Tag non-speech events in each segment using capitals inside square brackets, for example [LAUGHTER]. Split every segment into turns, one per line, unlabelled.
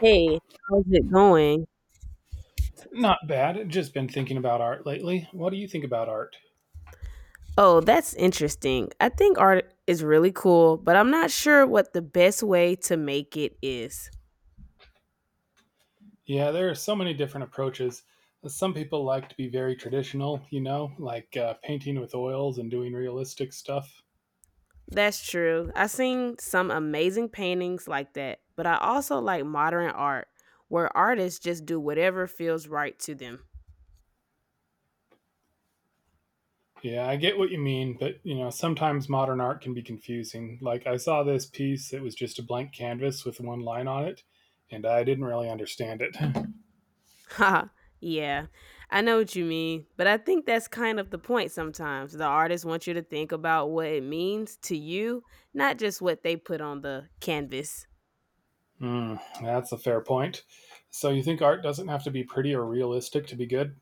Hey, how's it going?
Not bad. I've just been thinking about art lately. What do you think about art?
Oh, that's interesting. I think art is really cool, but I'm not sure what the best way to make it is.
Yeah, there are so many different approaches. Some people like to be very traditional, you know, like painting with oils and doing realistic stuff.
That's true. I've seen some amazing paintings like that, but I also like modern art where artists just do whatever feels right to them.
Yeah, I get what you mean, but you know, sometimes modern art can be confusing. Like I saw this piece, that was just a blank canvas with one line on it, and I didn't really understand it.
[LAUGHS] Haha, yeah, I know what you mean, but I think that's kind of the point sometimes. The artists want you to think about what it means to you, not just what they put on the canvas.
Hmm, that's a fair point. So you think art doesn't have to be pretty or realistic to be good?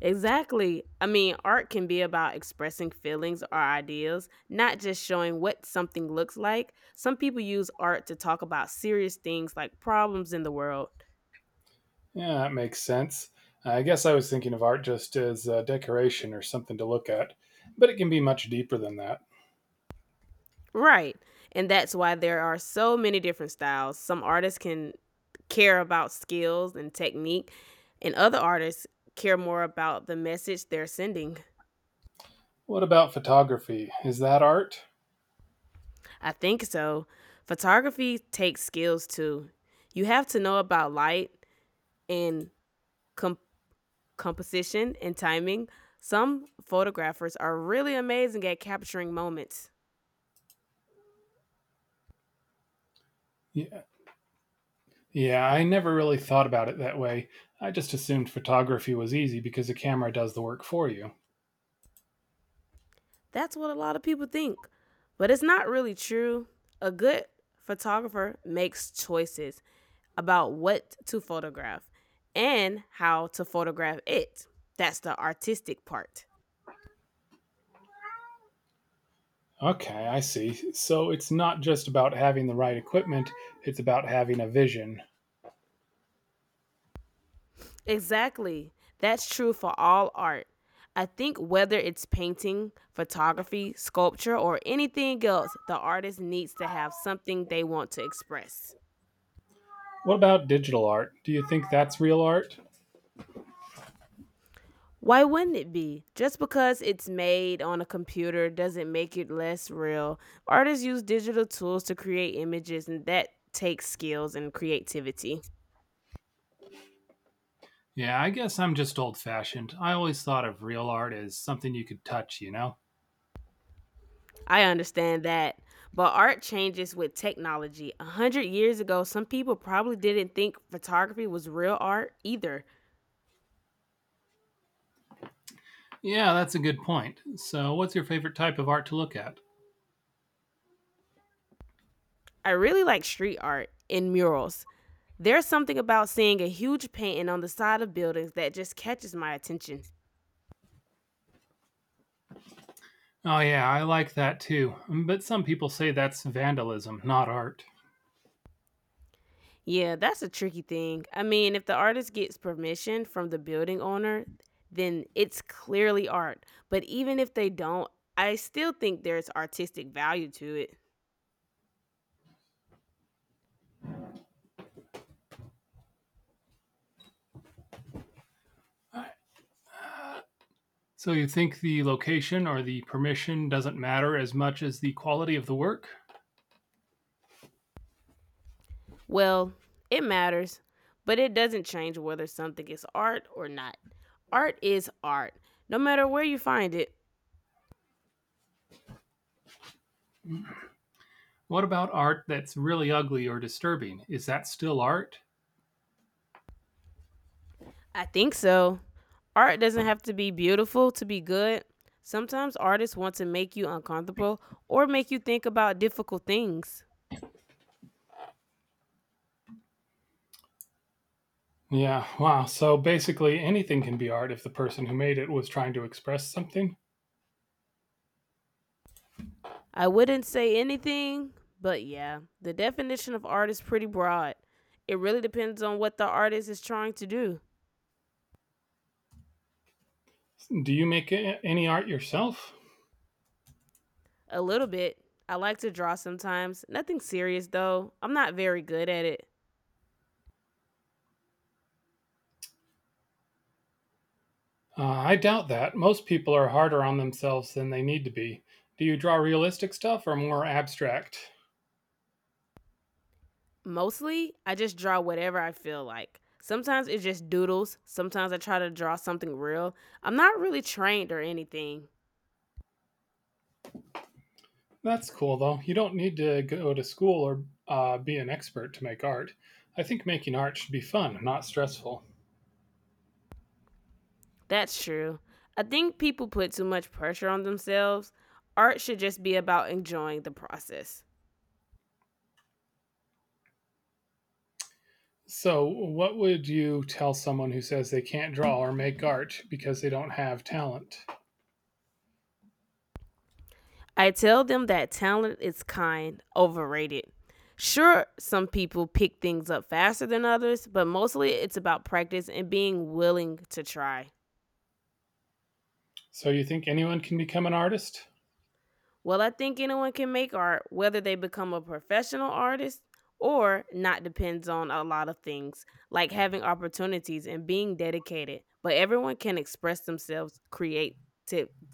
Exactly. I mean, art can be about expressing feelings or ideas, not just showing what something looks like. Some people use art to talk about serious things like problems in the world.
Yeah, that makes sense. I guess I was thinking of art just as decoration or something to look at, but it can be much deeper than that.
Right. And that's why there are so many different styles. Some artists can care about skills and technique, and other artists care more about the message they're sending.
What about photography? Is that art?
I think so. Photography takes skills too. You have to know about light and com. composition, and timing. Some photographers are really amazing at capturing moments.
Yeah, yeah, I never really thought about it that way. I just assumed photography was easy because the camera does the work for you.
That's what a lot of people think, but it's not really true. A good photographer makes choices about what to photograph and how to photograph it. That's the artistic part.
Okay, I see. So it's not just about having the right equipment, it's about having a vision.
Exactly. That's true for all art. I think whether it's painting, photography, sculpture, or anything else, the artist needs to have something they want to express.
What about digital art? Do you think that's real art?
Why wouldn't it be? Just because it's made on a computer doesn't make it less real. Artists use digital tools to create images, and that takes skills and creativity.
Yeah, I guess I'm just old fashioned. I always thought of real art as something you could touch, you know?
I understand that. But art changes with technology. A hundred years ago, some people probably didn't think photography was real art either.
Yeah, that's a good point. So, what's your favorite type of art to look at?
I really like street art and murals. There's something about seeing a huge painting on the side of buildings that just catches my attention.
Oh, yeah, I like that too. Mm, but some people say that's vandalism, not art.
Yeah, that's a tricky thing. I mean, if the artist gets permission from the building owner, then it's clearly art. But even if they don't, I still think there's artistic value to it.
So, you think the location or the permission doesn't matter as much as the quality of the work?
Well, it matters, but it doesn't change whether something is art or not. Art is art, no matter where you find it.
What about art that's really ugly or disturbing? Is that still art?
I think so. Art doesn't have to be beautiful to be good. Sometimes artists want to make you uncomfortable or make you think about difficult things.
Yeah, wow. So basically, anything can be art if the person who made it was trying to express something?
I wouldn't say anything, but yeah, the definition of art is pretty broad. It really depends on what the artist is trying to do.
Do you make any art yourself?
A little bit. I like to draw sometimes. Nothing serious though. I'm not very good at it.
I doubt that. Most people are harder on themselves than they need to be. Do you draw realistic stuff or more abstract?
Mostly, I just draw whatever I feel like. Sometimes it's just doodles. Sometimes I try to draw something real. I'm not really trained or anything.
That's cool, though. You don't need to go to school or be an expert to make art. I think making art should be fun, not stressful.
That's true. I think people put too much pressure on themselves. Art should just be about enjoying the process.
So, what would you tell someone who says they can't draw or make art because they don't have talent?
I tell them that talent is kind, overrated. Sure, some people pick things up faster than others, but mostly it's about practice and being willing to try.
So, you think anyone can become an artist?
Well, I think anyone can make art. Whether they become a professional artist or not, depends on a lot of things, like having opportunities and being dedicated. But everyone can express themselves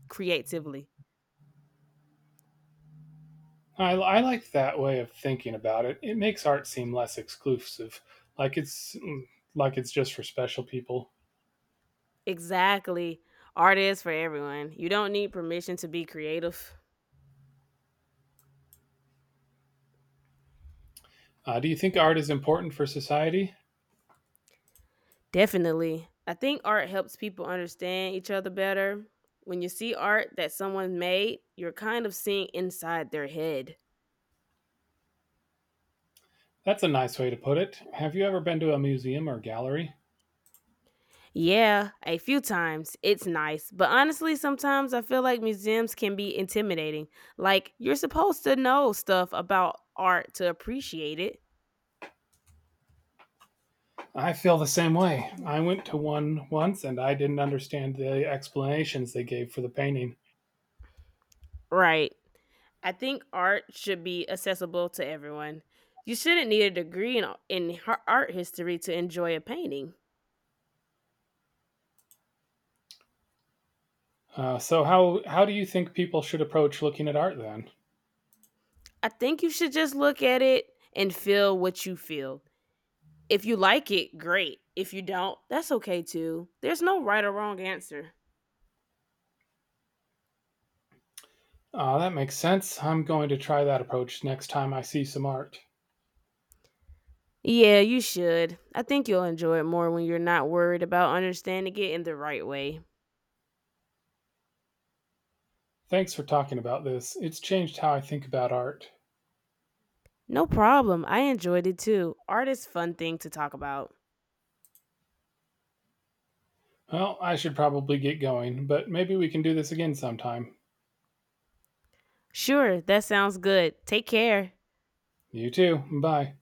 creatively.
I like that way of thinking about it. It makes art seem less exclusive, like it's mm, like it's just for special people.
Exactly. Art is for everyone. You don't need permission to be creative.
Do you think art is important for society?
Definitely. I think art helps people understand each other better. When you see art that someone made, you're kind of seeing inside their head.
That's a nice way to put it. Have you ever been to a museum or gallery?
Yeah, a few times. It's nice. But honestly, sometimes I feel like museums can be intimidating. Like, you're supposed to know stuff about art to appreciate it.
I feel the same way. I went to one once and I didn't understand the explanations they gave for the painting.
Right. I think art should be accessible to everyone. You shouldn't need a degree in art history to enjoy a painting.
So how do you think people should approach looking at art then?
I think you should just look at it and feel what you feel. If you like it, great. If you don't, that's okay too. There's no right or wrong answer.
That makes sense. I'm going to try that approach next time I see some art.
Yeah, you should. I think you'll enjoy it more when you're not worried about understanding it in the right way.
Thanks for talking about this. It's changed how I think about art.
No problem. I enjoyed it too. Art is a fun thing to talk about.
Well, I should probably get going, but maybe we can do this again sometime.
Sure, that sounds good. Take care.
You too. Bye.